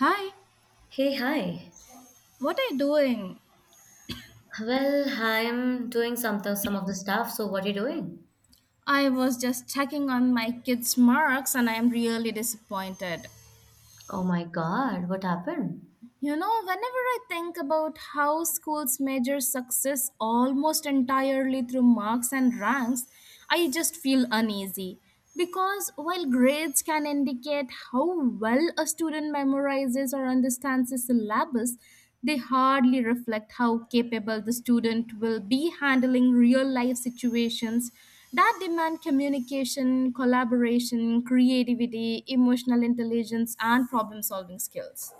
Hi, Hey, hi. what are you doing? Well, I'm doing some of the stuff. So, what are you doing? I was just checking on my kids' marks and I am really disappointed. Oh my God, what happened? You know, whenever I think about how schools measure success almost entirely through marks and ranks, I just feel uneasy. Because while grades can indicate how well a student memorizes or understands a syllabus, they hardly reflect how capable the student will be handling real life situations that demand communication, collaboration, creativity, emotional intelligence, and problem solving skills.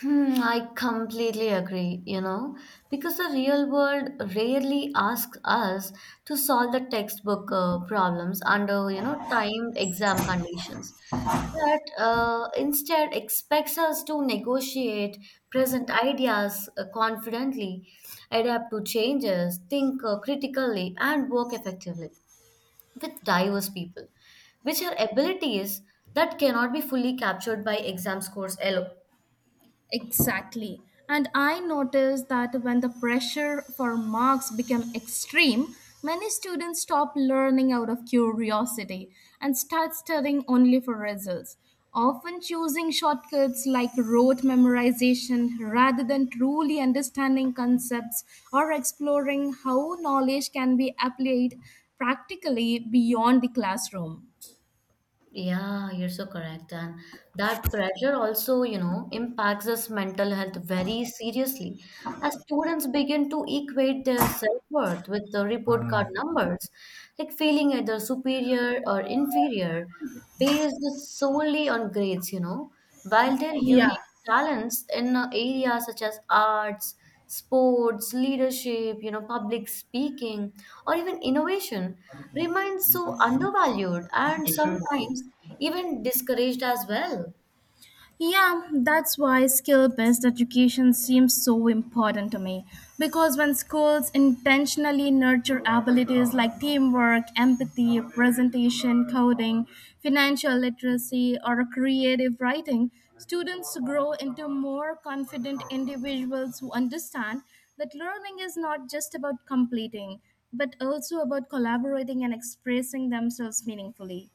Hmm, I completely agree, because the real world rarely asks us to solve the textbook problems under, timed exam conditions. But instead expects us to negotiate, present ideas confidently, adapt to changes, think critically, and work effectively. With diverse people, which are abilities that cannot be fully captured by exam scores alone. Exactly. And I noticed that when the pressure for marks became extreme, many students stop learning out of curiosity and start studying only for results, often choosing shortcuts like rote memorization rather than truly understanding concepts or exploring how knowledge can be applied practically beyond the classroom. Yeah, you're so correct. And that pressure also, impacts us mental health very seriously as students begin to equate their self-worth with the report card numbers, like feeling either superior or inferior based solely on grades. While their Yeah. unique talents in areas such as arts, sports, leadership, public speaking, or even innovation remain so undervalued and sometimes even discouraged as well. Yeah, that's why skill based education seems so important to me. Because when schools intentionally nurture abilities like teamwork, empathy, presentation, coding, financial literacy, or creative writing, students grow into more confident individuals who understand that learning is not just about completing, but also about collaborating and expressing themselves meaningfully.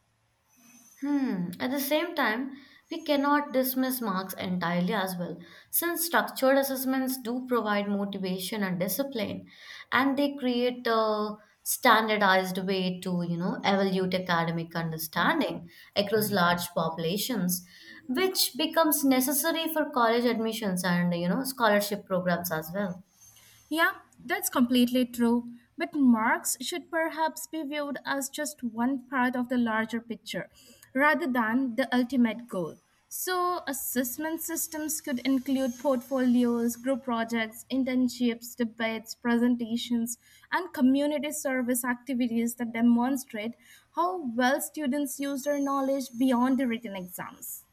Hmm. At the same time, we cannot dismiss marks entirely as well, since structured assessments do provide motivation and discipline, and they create a standardized way to, evaluate academic understanding across large populations, which becomes necessary for college admissions and, scholarship programs as well. Yeah, that's completely true. But marks should perhaps be viewed as just one part of the larger picture rather than the ultimate goal. So, assessment systems could include portfolios, group projects, internships, debates, presentations, and community service activities that demonstrate how well students use their knowledge beyond the written exams.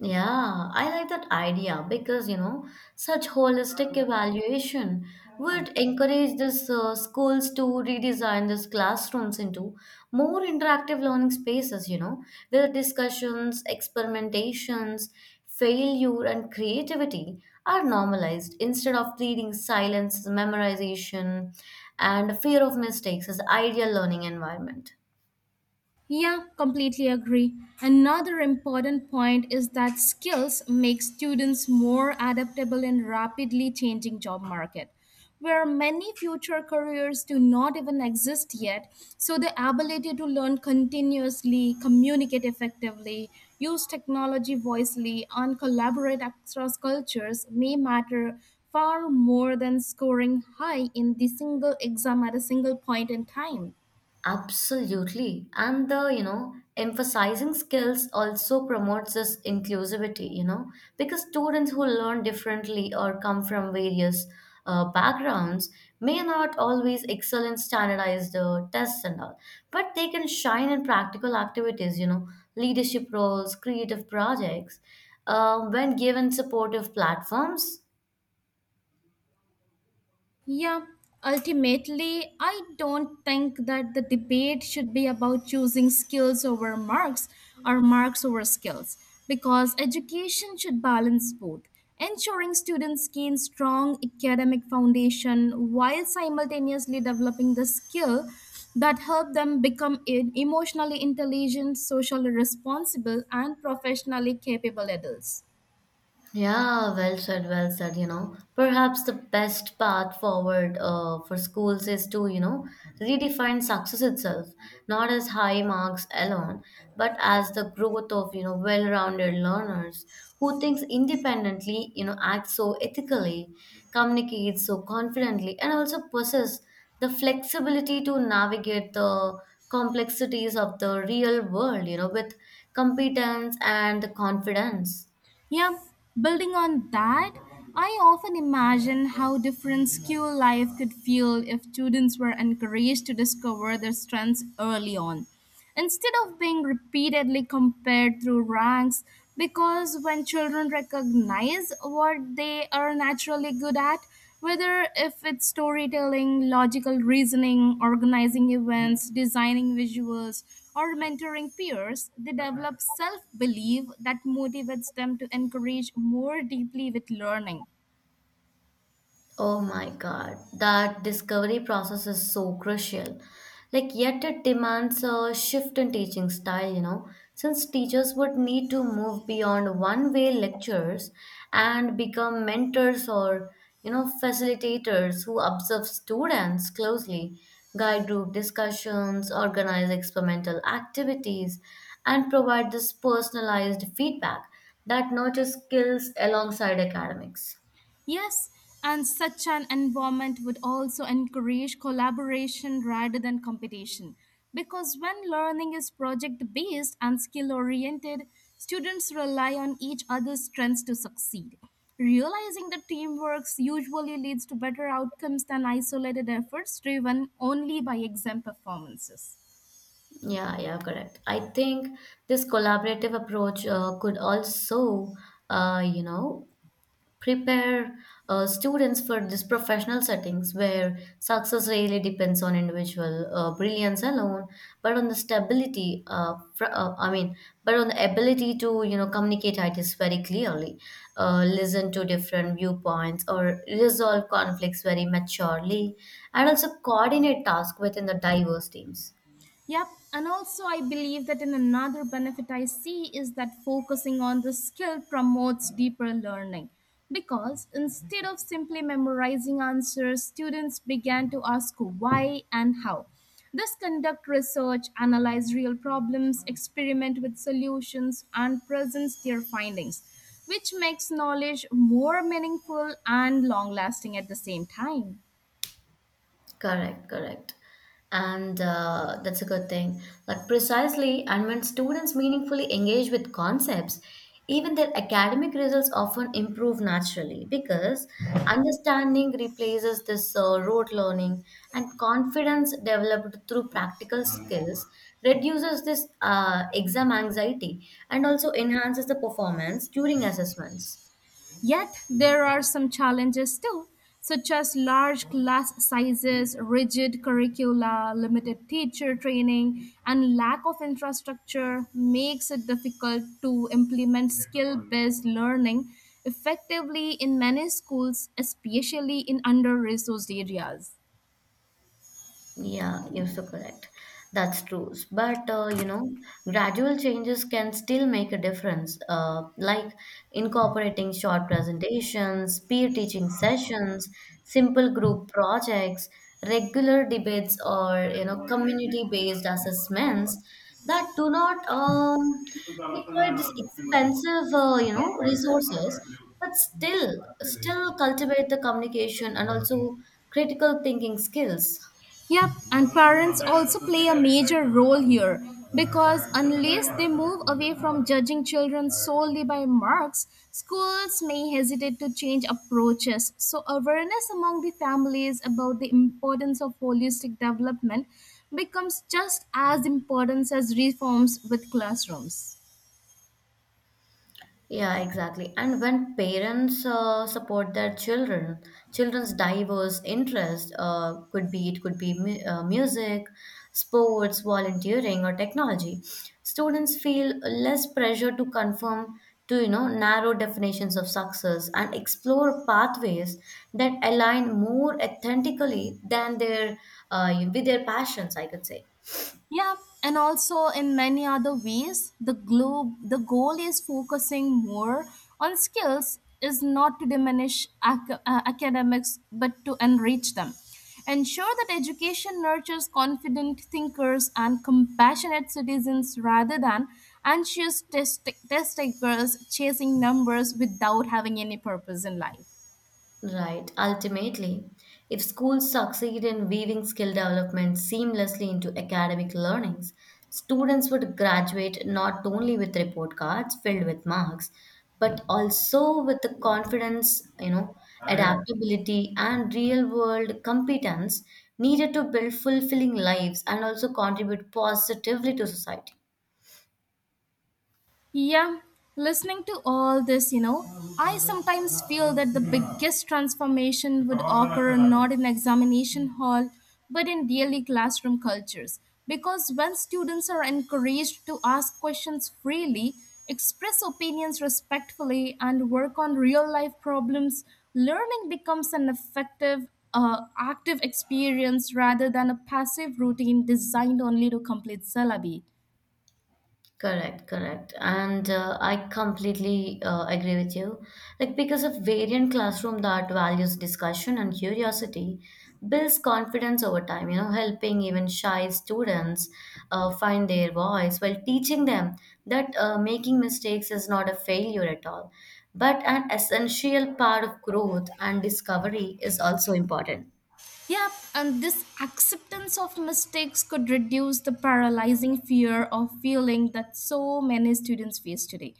Yeah, I like that idea because, such holistic evaluation would encourage this schools to redesign these classrooms into more interactive learning spaces, where discussions, experimentations, failure, and creativity are normalized instead of treating silence, memorization, and fear of mistakes as ideal learning environment. Yeah, completely agree. Another important point is that skills make students more adaptable in rapidly changing job market where many future careers do not even exist yet, so the ability to learn continuously, communicate effectively, use technology wisely, and collaborate across cultures may matter far more than scoring high in the single exam at a single point in time. Absolutely. And the, emphasizing skills also promotes this inclusivity, because students who learn differently or come from various backgrounds may not always excel in standardized tests and all, but they can shine in practical activities, leadership roles, creative projects, when given supportive platforms. Yeah, ultimately, I don't think that the debate should be about choosing skills over marks or marks over skills because education should balance both, ensuring students gain strong academic foundation while simultaneously developing the skill that help them become emotionally intelligent, socially responsible and professionally capable adults. Yeah, well said, well said. You know. Perhaps the best path forward for schools is to, redefine success itself, not as high marks alone, but as the growth of, well-rounded learners who thinks independently, acts so ethically, communicates so confidently, and also possess the flexibility to navigate the complexities of the real world, with competence and the confidence. Yeah, building on that, I often imagine how different school life could feel if students were encouraged to discover their strengths early on, instead of being repeatedly compared through ranks. Because when children recognize what they are naturally good at, whether if it's storytelling, logical reasoning, organizing events, designing visuals, or mentoring peers, they develop self belief that motivates them to encourage more deeply with learning. Oh my God, that discovery process is so crucial. Like, yet it demands a shift in teaching style, since teachers would need to move beyond one way lectures and become mentors or, facilitators who observe students closely, guide group discussions, organize experimental activities, and provide this personalized feedback that nurtures skills alongside academics. Yes, and such an environment would also encourage collaboration rather than competition. Because when learning is project based and skill oriented, students rely on each other's strengths to succeed. Realizing that teamwork usually leads to better outcomes than isolated efforts driven only by exam performances. Yeah, yeah, correct. I think this collaborative approach could also, uh, you know, prepare students for these professional settings where success really depends on individual brilliance alone, but on the stability, but on the ability to, communicate ideas very clearly, listen to different viewpoints, or resolve conflicts very maturely, and also coordinate tasks within the diverse teams. Yep, and also I believe that in another benefit I see is that focusing on the skill promotes deeper learning because instead of simply memorizing answers, students began to ask why and how. This conduct research, analyze real problems, experiment with solutions, and presents their findings, which makes knowledge more meaningful and long lasting at the same time. Correct, correct. And that's a good thing. Like, precisely, and when students meaningfully engage with concepts, even their academic results often improve naturally because understanding replaces this rote learning and confidence developed through practical skills reduces this exam anxiety and also enhances the performance during assessments. Yet, there are some challenges too, such as large class sizes, rigid curricula, limited teacher training, and lack of infrastructure makes it difficult to implement skill based learning effectively in many schools, especially in under resourced areas. Yeah, you're so correct. That's true. But gradual changes can still make a difference, like incorporating short presentations, peer teaching sessions, simple group projects, regular debates, or community-based assessments that do not require this expensive, resources, but still cultivate the communication and also critical thinking skills. Yep, and parents also play a major role here because unless they move away from judging children solely by marks, schools may hesitate to change approaches. So, awareness among the families about the importance of holistic development becomes just as important as reforms with classrooms. Yeah, exactly. And when parents support their children, children's diverse interests could be music, sports, volunteering, or technology. Students feel less pressure to conform to narrow definitions of success and explore pathways that align more authentically than their with their passions. I could say. Yeah, and also in many other ways, the goal is focusing more on skills is not to diminish academics but to enrich them. Ensure that education nurtures confident thinkers and compassionate citizens rather than anxious test takers chasing numbers without having any purpose in life. Right. Ultimately, if schools succeed in weaving skill development seamlessly into academic learnings, students would graduate not only with report cards filled with marks, but also with the confidence, adaptability and real-world competence needed to build fulfilling lives and also contribute positively to society. Yeah, listening to all this, you know, I sometimes feel that the biggest transformation would occur not in examination hall but in daily classroom cultures. Because when students are encouraged to ask questions freely, express opinions respectfully, and work on real life problems, learning becomes an effective, active experience rather than a passive routine designed only to complete syllabi. Correct, correct. And I completely agree with you. Like, because a variant classroom that values discussion and curiosity builds confidence over time, helping even shy students find their voice while teaching them that making mistakes is not a failure at all, but an essential part of growth and discovery is also important. Yep, and this acceptance of mistakes could reduce the paralyzing fear of feeling that so many students face today.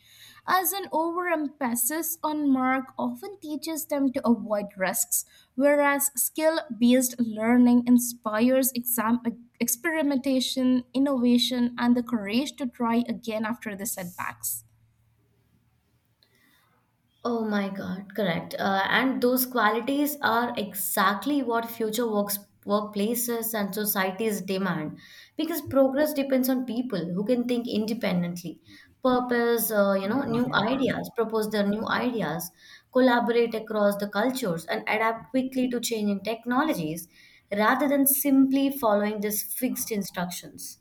As an overemphasis on mark often teaches them to avoid risks, whereas skill based learning inspires experimentation, innovation, and the courage to try again after the setbacks. Oh my God, correct. And those qualities are exactly what workplaces and societies demand because progress depends on people who can think independently, purpose, you know, new ideas, propose their new ideas, collaborate across the cultures, and adapt quickly to changing technologies rather than simply following these fixed instructions.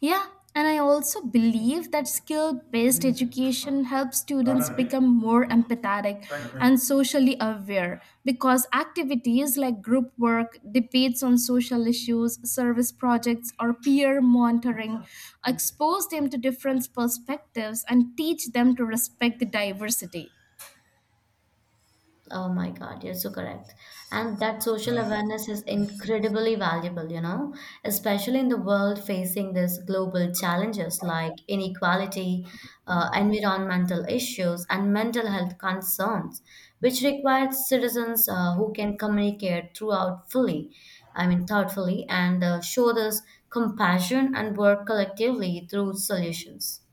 Yeah, and I also believe that skill based education helps students become more empathetic and socially aware because activities like group work, debates on social issues, service projects, or peer monitoring expose them to different perspectives and teach them to respect the diversity. Oh my God, you're so correct. And that social awareness is incredibly valuable, especially in the world facing these global challenges like inequality, environmental issues, and mental health concerns, which requires citizens who can communicate throughout fully, I mean, thoughtfully, and show this compassion and work collectively through solutions.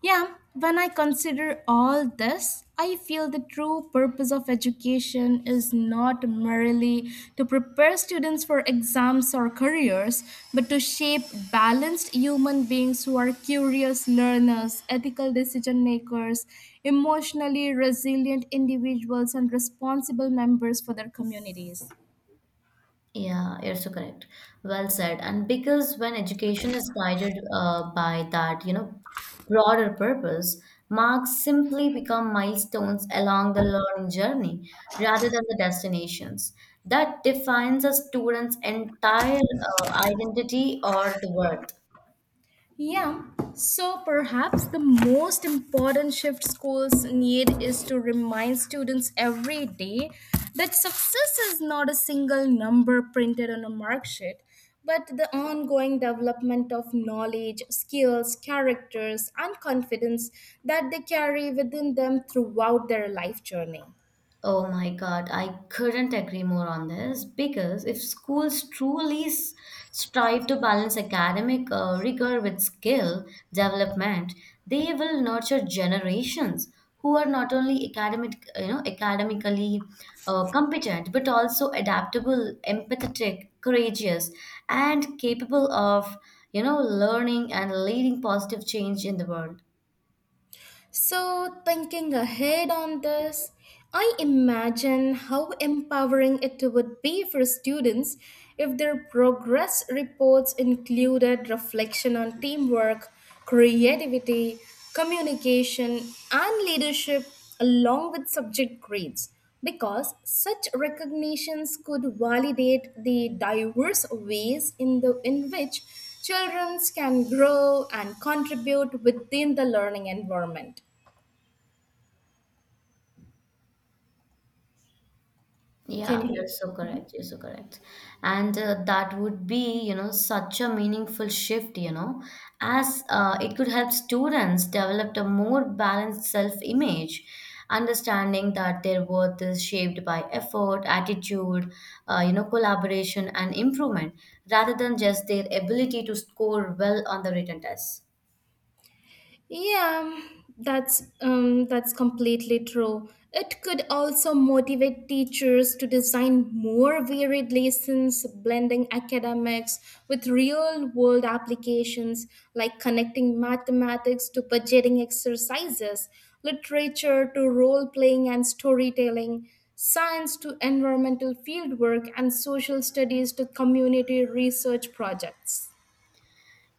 Yeah, when I consider all this, I feel the true purpose of education is not merely to prepare students for exams or careers, but to shape balanced human beings who are curious learners, ethical decision makers, emotionally resilient individuals, and responsible members for their communities. Yeah, yes, you're so correct. Well said. And because when education is guided by that, broader purpose, marks simply become milestones along the learning journey rather than the destinations. That defines a student's entire identity or the worth. Yeah, so perhaps the most important shift schools need is to remind students every day that success is not a single number printed on a mark sheet, but the ongoing development of knowledge, skills, characters, and confidence that they carry within them throughout their life journey. Oh my God, I couldn't agree more on this because if schools truly strive to balance academic rigor with skill development, they will nurture generations who are not only academically competent but also adaptable, empathetic, courageous, and capable of, learning and leading positive change in the world. So, thinking ahead on this, I imagine how empowering it would be for students if their progress reports included reflection on teamwork, creativity, communication, and leadership along with subject grades, because such recognitions could validate the diverse ways in which children can grow and contribute within the learning environment. Can Yeah, you you're hear? so correct. You're so correct. And that would be, such a meaningful shift, as it could help students develop a more balanced self-image, understanding that their worth is shaped by effort, attitude, collaboration and improvement, rather than just their ability to score well on the written test. Yeah, that's completely true. It could also motivate teachers to design more varied lessons, blending academics with real-world applications, like connecting mathematics to budgeting exercises, literature to role-playing and storytelling, science to environmental fieldwork, and social studies to community research projects.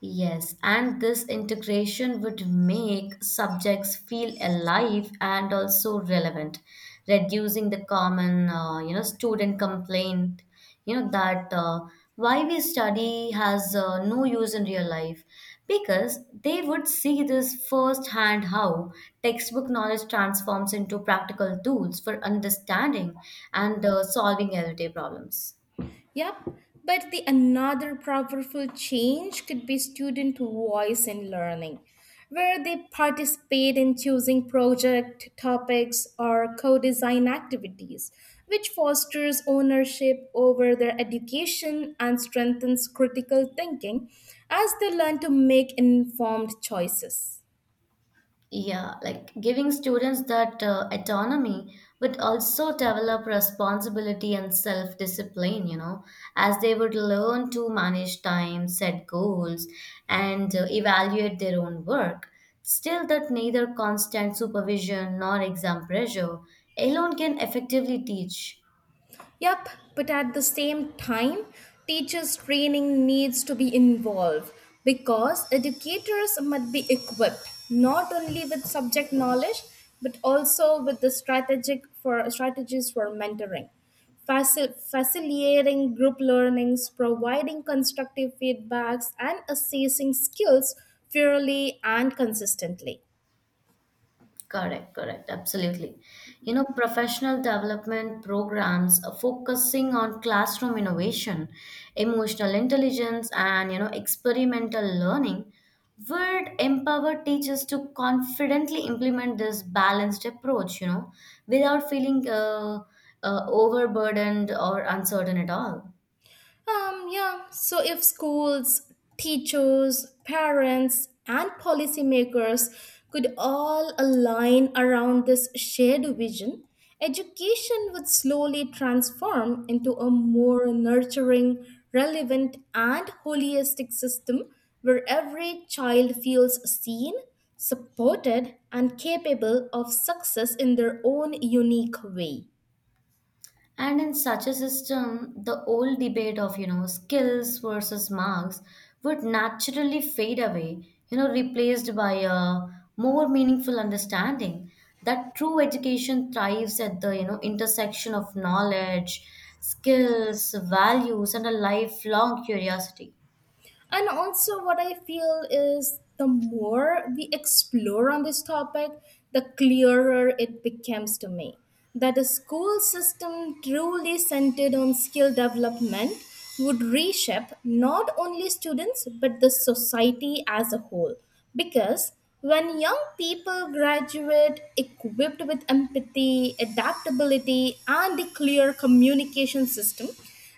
Yes, and this integration would make subjects feel alive and also relevant, reducing the common, student complaint, that why we study has no use in real life, because they would see this firsthand how textbook knowledge transforms into practical tools for understanding and solving everyday problems. Yep, but the another powerful change could be student voice in learning, where they participate in choosing project topics or co-design activities, which fosters ownership over their education and strengthens critical thinking as they learn to make informed choices. Yeah, like giving students that autonomy, but also develop responsibility and self discipline, as they would learn to manage time, set goals, and evaluate their own work. Still, that neither constant supervision nor exam pressure alone can effectively teach. Yep, but at the same time, teachers' training needs to be involved because educators must be equipped not only with subject knowledge but also with the strategic for strategies for mentoring, facilitating group learnings, providing constructive feedbacks, and assessing skills fairly and consistently. Correct, correct, absolutely. Professional development programs are focusing on classroom innovation, emotional intelligence, and experimental learning would empower teachers to confidently implement this balanced approach, without feeling overburdened or uncertain at all. Yeah, so if schools, teachers, parents, and policymakers could all align around this shared vision, education would slowly transform into a more nurturing, relevant, and holistic system where every child feels seen, supported, and capable of success in their own unique way. And in such a system, the old debate of, skills versus marks would naturally fade away, replaced by a more meaningful understanding that true education thrives at the, intersection of knowledge, skills, values, and a lifelong curiosity. And also, what I feel is the more we explore on this topic, the clearer it becomes to me that a school system truly centered on skill development would reshape not only students but the society as a whole. Because when young people graduate equipped with empathy, adaptability, and a clear communication system,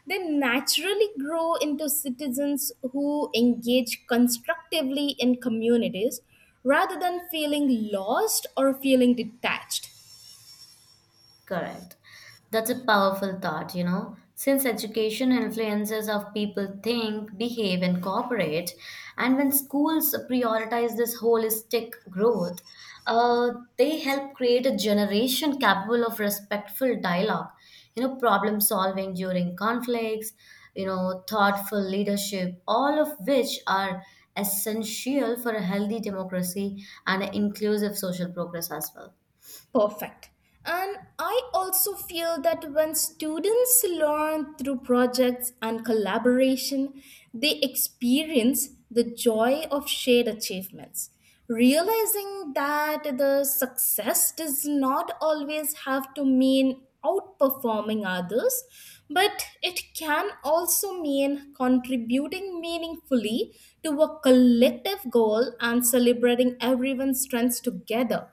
they naturally grow into citizens who engage constructively in communities rather than feeling lost or feeling detached. Correct. That's a powerful thought. You know. Since education influences how people think, behave, and cooperate, and when schools prioritize this holistic growth, uh, they help create a generation capable of respectful dialogue, problem solving during conflicts, thoughtful leadership, all of which are essential for a healthy democracy and an inclusive social progress as well. Perfect. And I also feel that when students learn through projects and collaboration, they experience the joy of shared achievements, realizing that the success does not always have to mean outperforming others, but it can also mean contributing meaningfully to a collective goal and celebrating everyone's strengths together.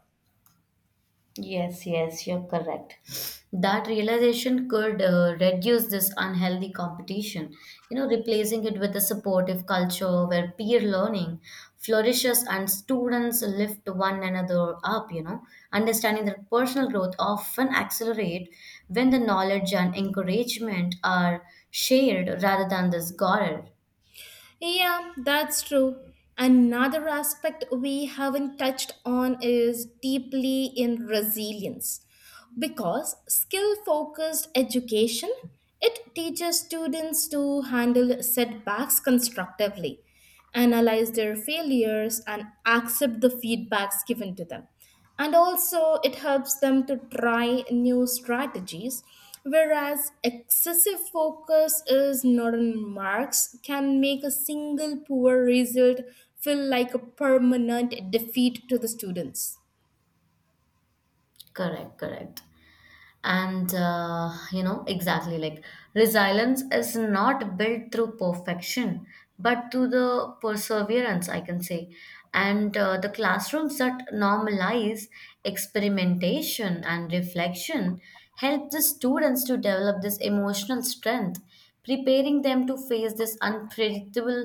Yes, yes, you're correct. That realization could reduce this unhealthy competition, replacing it with a supportive culture where peer learning flourishes and students lift one another up, understanding that personal growth often accelerate when the knowledge and encouragement are shared rather than this guarded. Yeah, that's true. Another aspect we haven't touched on is deeply in resilience. Because skill focused education, it teaches students to handle setbacks constructively, analyze their failures and accept the feedbacks given to them, and also it helps them to try new strategies, whereas excessive focus is not on marks can make a single poor result feel like a permanent defeat to the students. Correct, correct. And exactly like resilience is not built through perfection but through the perseverance I can say. And the classrooms that normalize experimentation and reflection help the students to develop this emotional strength, preparing them to face this unpredictable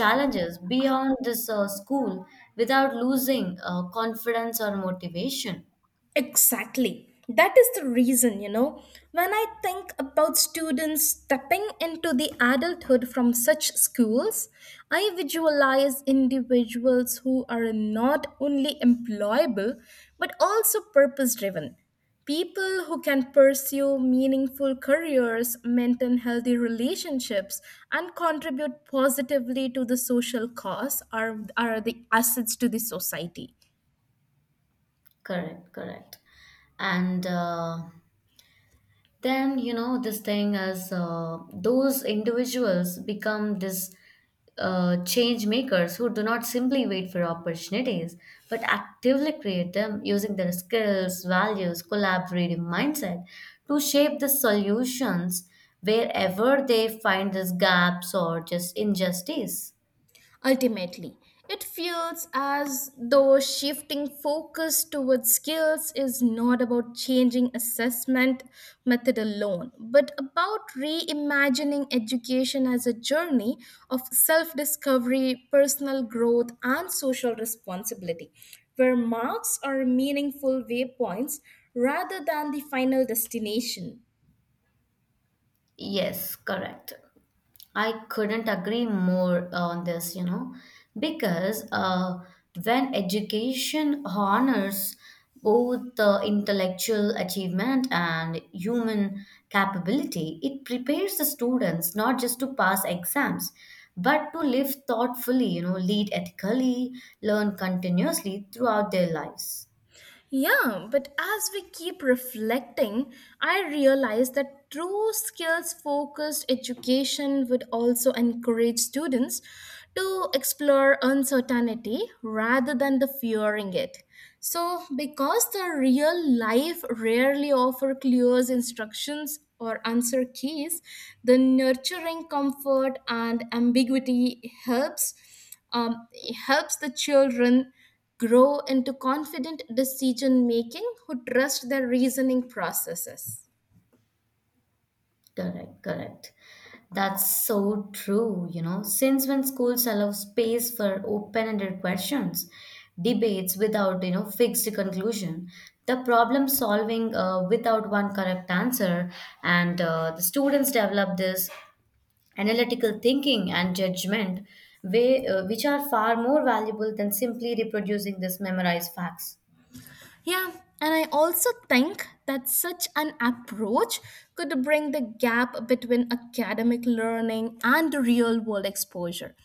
challenges beyond this school without losing confidence or motivation. Exactly. That is the reason, you know, when I think about students stepping into the adulthood from such schools, I visualize individuals who are not only employable but also purpose driven. People who can pursue meaningful careers, maintain healthy relationships, and contribute positively to the social cause are the assets to the society. Correct, correct. And then, you know, this thing is those individuals become this change makers who do not simply wait for opportunities, but actively create them using their skills, values, collaborative mindset to shape the solutions wherever they find these gaps or just injustice. Ultimately, it feels as though shifting focus towards skills is not about changing assessment method alone, but about reimagining education as a journey of self discovery, personal growth, and social responsibility, where marks are meaningful waypoints rather than the final destination. Yes, correct. I couldn't agree more on this, because when education honors both the intellectual achievement and human capability, it prepares the students not just to pass exams, but to live thoughtfully, lead ethically, learn continuously throughout their lives. Yeah, but as we keep reflecting, I realize that true skills focused education would also encourage students to explore uncertainty rather than the fearing it. So, because the real life rarely offer clear instructions or answer keys, the nurturing comfort and ambiguity helps, um, helps the children grow into confident decision making who trust their reasoning processes. Correct, correct. That's so true. You know. Since when schools allow space for open-ended questions, debates without, fixed conclusion, the problem solving without one correct answer, and the students develop this analytical thinking and judgment, which are far more valuable than simply reproducing this memorized facts. Yeah, and I also think that such an approach could bring the gap between academic learning and real world exposure.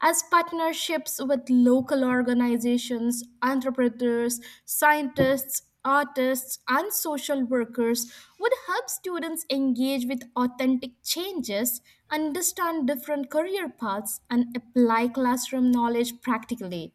As partnerships with local organizations, entrepreneurs, scientists, artists, and social workers would help students engage with authentic changes, understand different career paths, and apply classroom knowledge practically.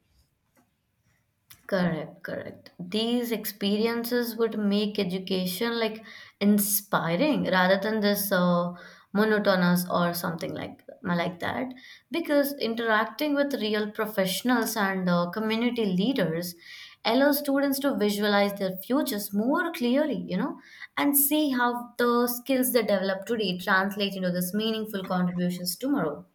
Correct, correct. These experiences would make education like inspiring rather than this monotonous or something like that. Because interacting with real professionals and community leaders allows students to visualize their futures more clearly, and see how the skills they develop today translate into this meaningful contributions tomorrow.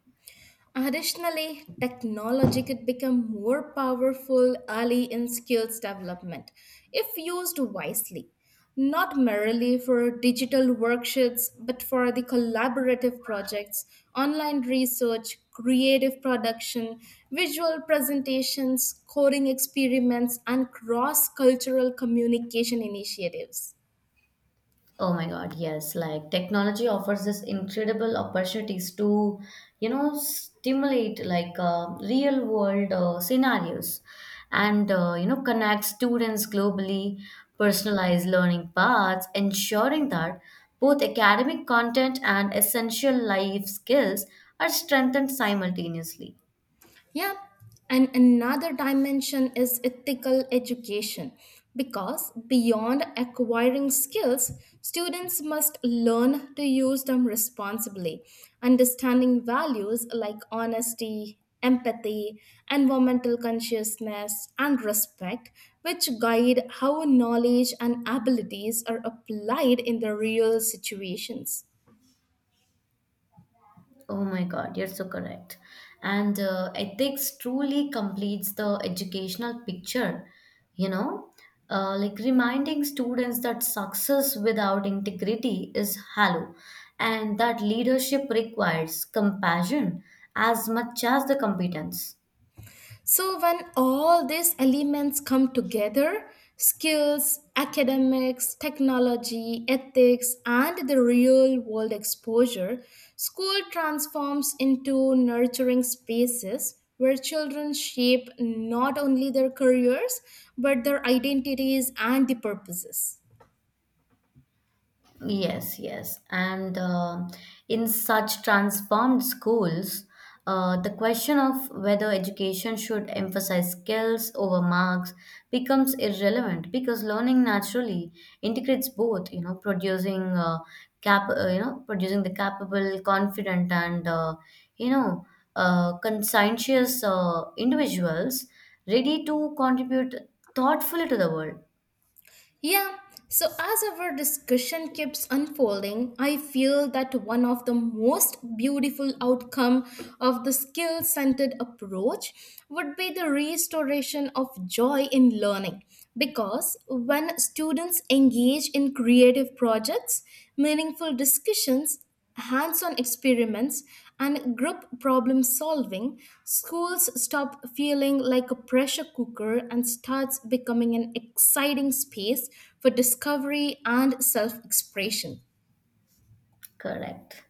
Additionally, technology could become more powerful early in skills development if used wisely, not merely for digital worksheets, but for the collaborative projects, online research, creative production, visual presentations, coding experiments, and cross cultural communication initiatives. Oh my God, yes. Like technology offers us incredible opportunities to, stimulate like real world scenarios and, connect students globally, personalize learning paths, ensuring that both academic content and essential life skills are strengthened simultaneously. Yeah, and another dimension is ethical education because beyond acquiring skills, students must learn to use them responsibly, understanding values like honesty, empathy, environmental consciousness, and respect, which guide how knowledge and abilities are applied in the real situations. Oh my God, you're so correct. And ethics truly completes the educational picture, you know, like reminding students that success without integrity is hollow and that leadership requires compassion as much as the competence. So, when all these elements come together, skills, academics, technology, ethics, and the real world exposure, school transforms into nurturing spaces where children shape not only their careers but their identities and the purposes. Yes, yes. And in such transformed schools, the question of whether education should emphasize skills over marks becomes irrelevant because learning naturally integrates both, producing producing the capable, confident, and you know, conscientious individuals ready to contribute thoughtfully to the world. Yeah, so as our discussion keeps unfolding, I feel that one of the most beautiful outcome of the skill-centered approach would be the restoration of joy in learning, because when students engage in creative projects, meaningful discussions, hands on experiments, and group problem solving, schools stop feeling like a pressure cooker and starts becoming an exciting space for discovery and self expression. Correct.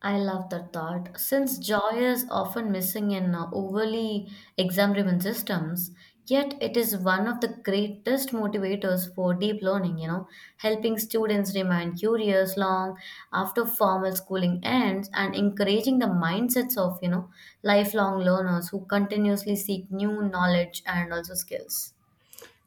I love the thought. Since joy is often missing in overly exam driven systems, yet it is one of the greatest motivators for deep learning, helping students remain curious long after formal schooling ends and encouraging the mindsets of, lifelong learners who continuously seek new knowledge and also skills.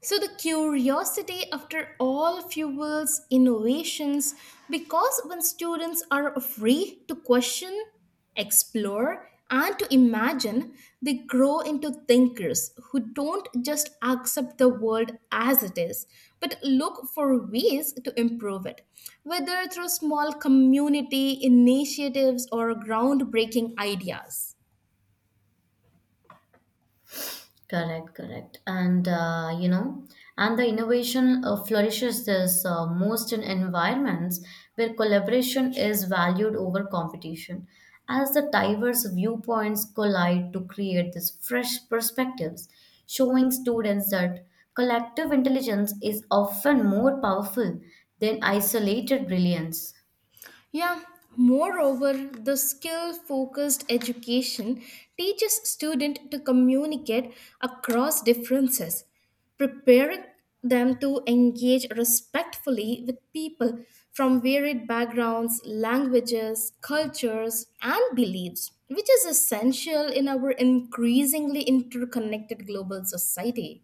So the curiosity after all fuels innovations, because when students are free to question, explore and to imagine, they grow into thinkers who don't just accept the world as it is, but look for ways to improve it, whether through small community initiatives or groundbreaking ideas. Correct, correct. And the innovation flourishes this most in environments where collaboration is valued over competition, as the diverse viewpoints collide to create these fresh perspectives, showing students that collective intelligence is often more powerful than isolated brilliance. Yeah, moreover, the skill focused education teaches students to communicate across differences, preparing them to engage respectfully with people from varied backgrounds, languages, cultures, and beliefs, which is essential in our increasingly interconnected global society.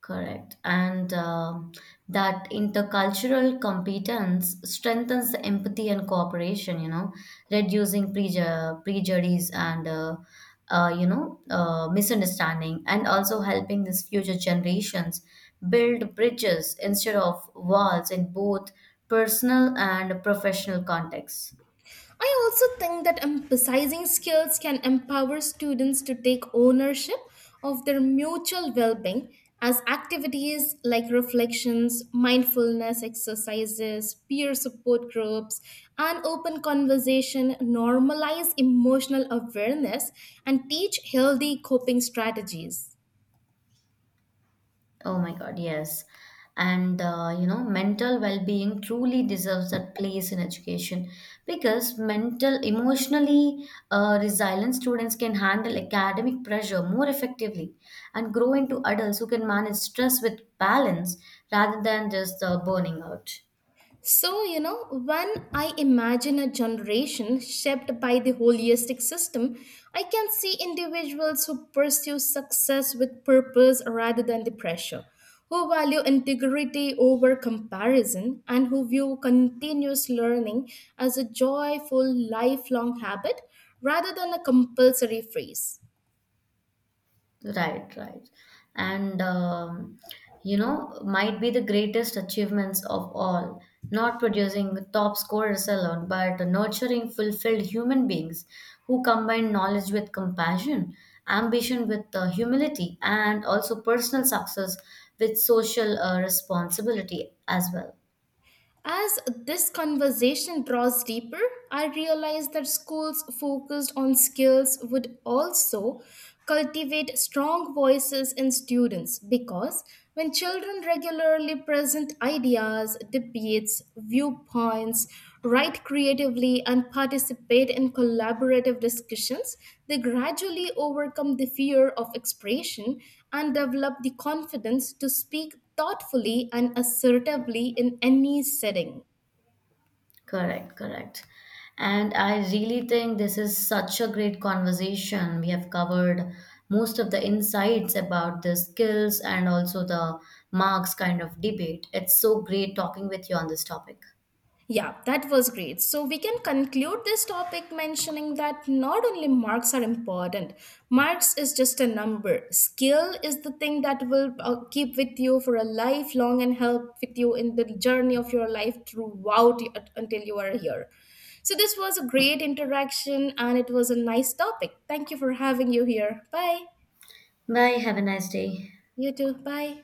Correct. And that intercultural competence strengthens the empathy and cooperation, reducing prejudice and, misunderstanding, and also helping these future generations build bridges instead of walls in both personal and professional contexts. I also think that emphasizing skills can empower students to take ownership of their mutual well being, as activities like reflections, mindfulness exercises, peer support groups, and open conversation normalize emotional awareness and teach healthy coping strategies. Oh my God, yes. And mental well-being truly deserves that place in education because mental, emotionally resilient students can handle academic pressure more effectively and grow into adults who can manage stress with balance rather than just burning out. So, you know, when I imagine a generation shaped by the holistic system, I can see individuals who pursue success with purpose rather than the pressure, who value integrity over comparison, and who view continuous learning as a joyful, lifelong habit rather than a compulsory phase. Right, right. And, might be the greatest achievements of all. Not producing top scorers alone, but nurturing fulfilled human beings who combine knowledge with compassion, ambition with humility, and also personal success with social responsibility as well. As this conversation draws deeper, I realize that schools focused on skills would also cultivate strong voices in students, because when children regularly present ideas, debates, viewpoints, write creatively, and participate in collaborative discussions, they gradually overcome the fear of expression and develop the confidence to speak thoughtfully and assertively in any setting. Correct, correct. And I really think this is such a great conversation. We have covered most of the insights about the skills and also the marks kind of debate. It's so great talking with you on this topic. Yeah, that was great. So we can conclude this topic mentioning that not only marks are important, marks is just a number. Skill is the thing that will keep with you for a lifelong and help with you in the journey of your life throughout until you are here. So this was a great interaction and it was a nice topic. Thank you for having you here. Bye. Bye. Have a nice day. You too. Bye.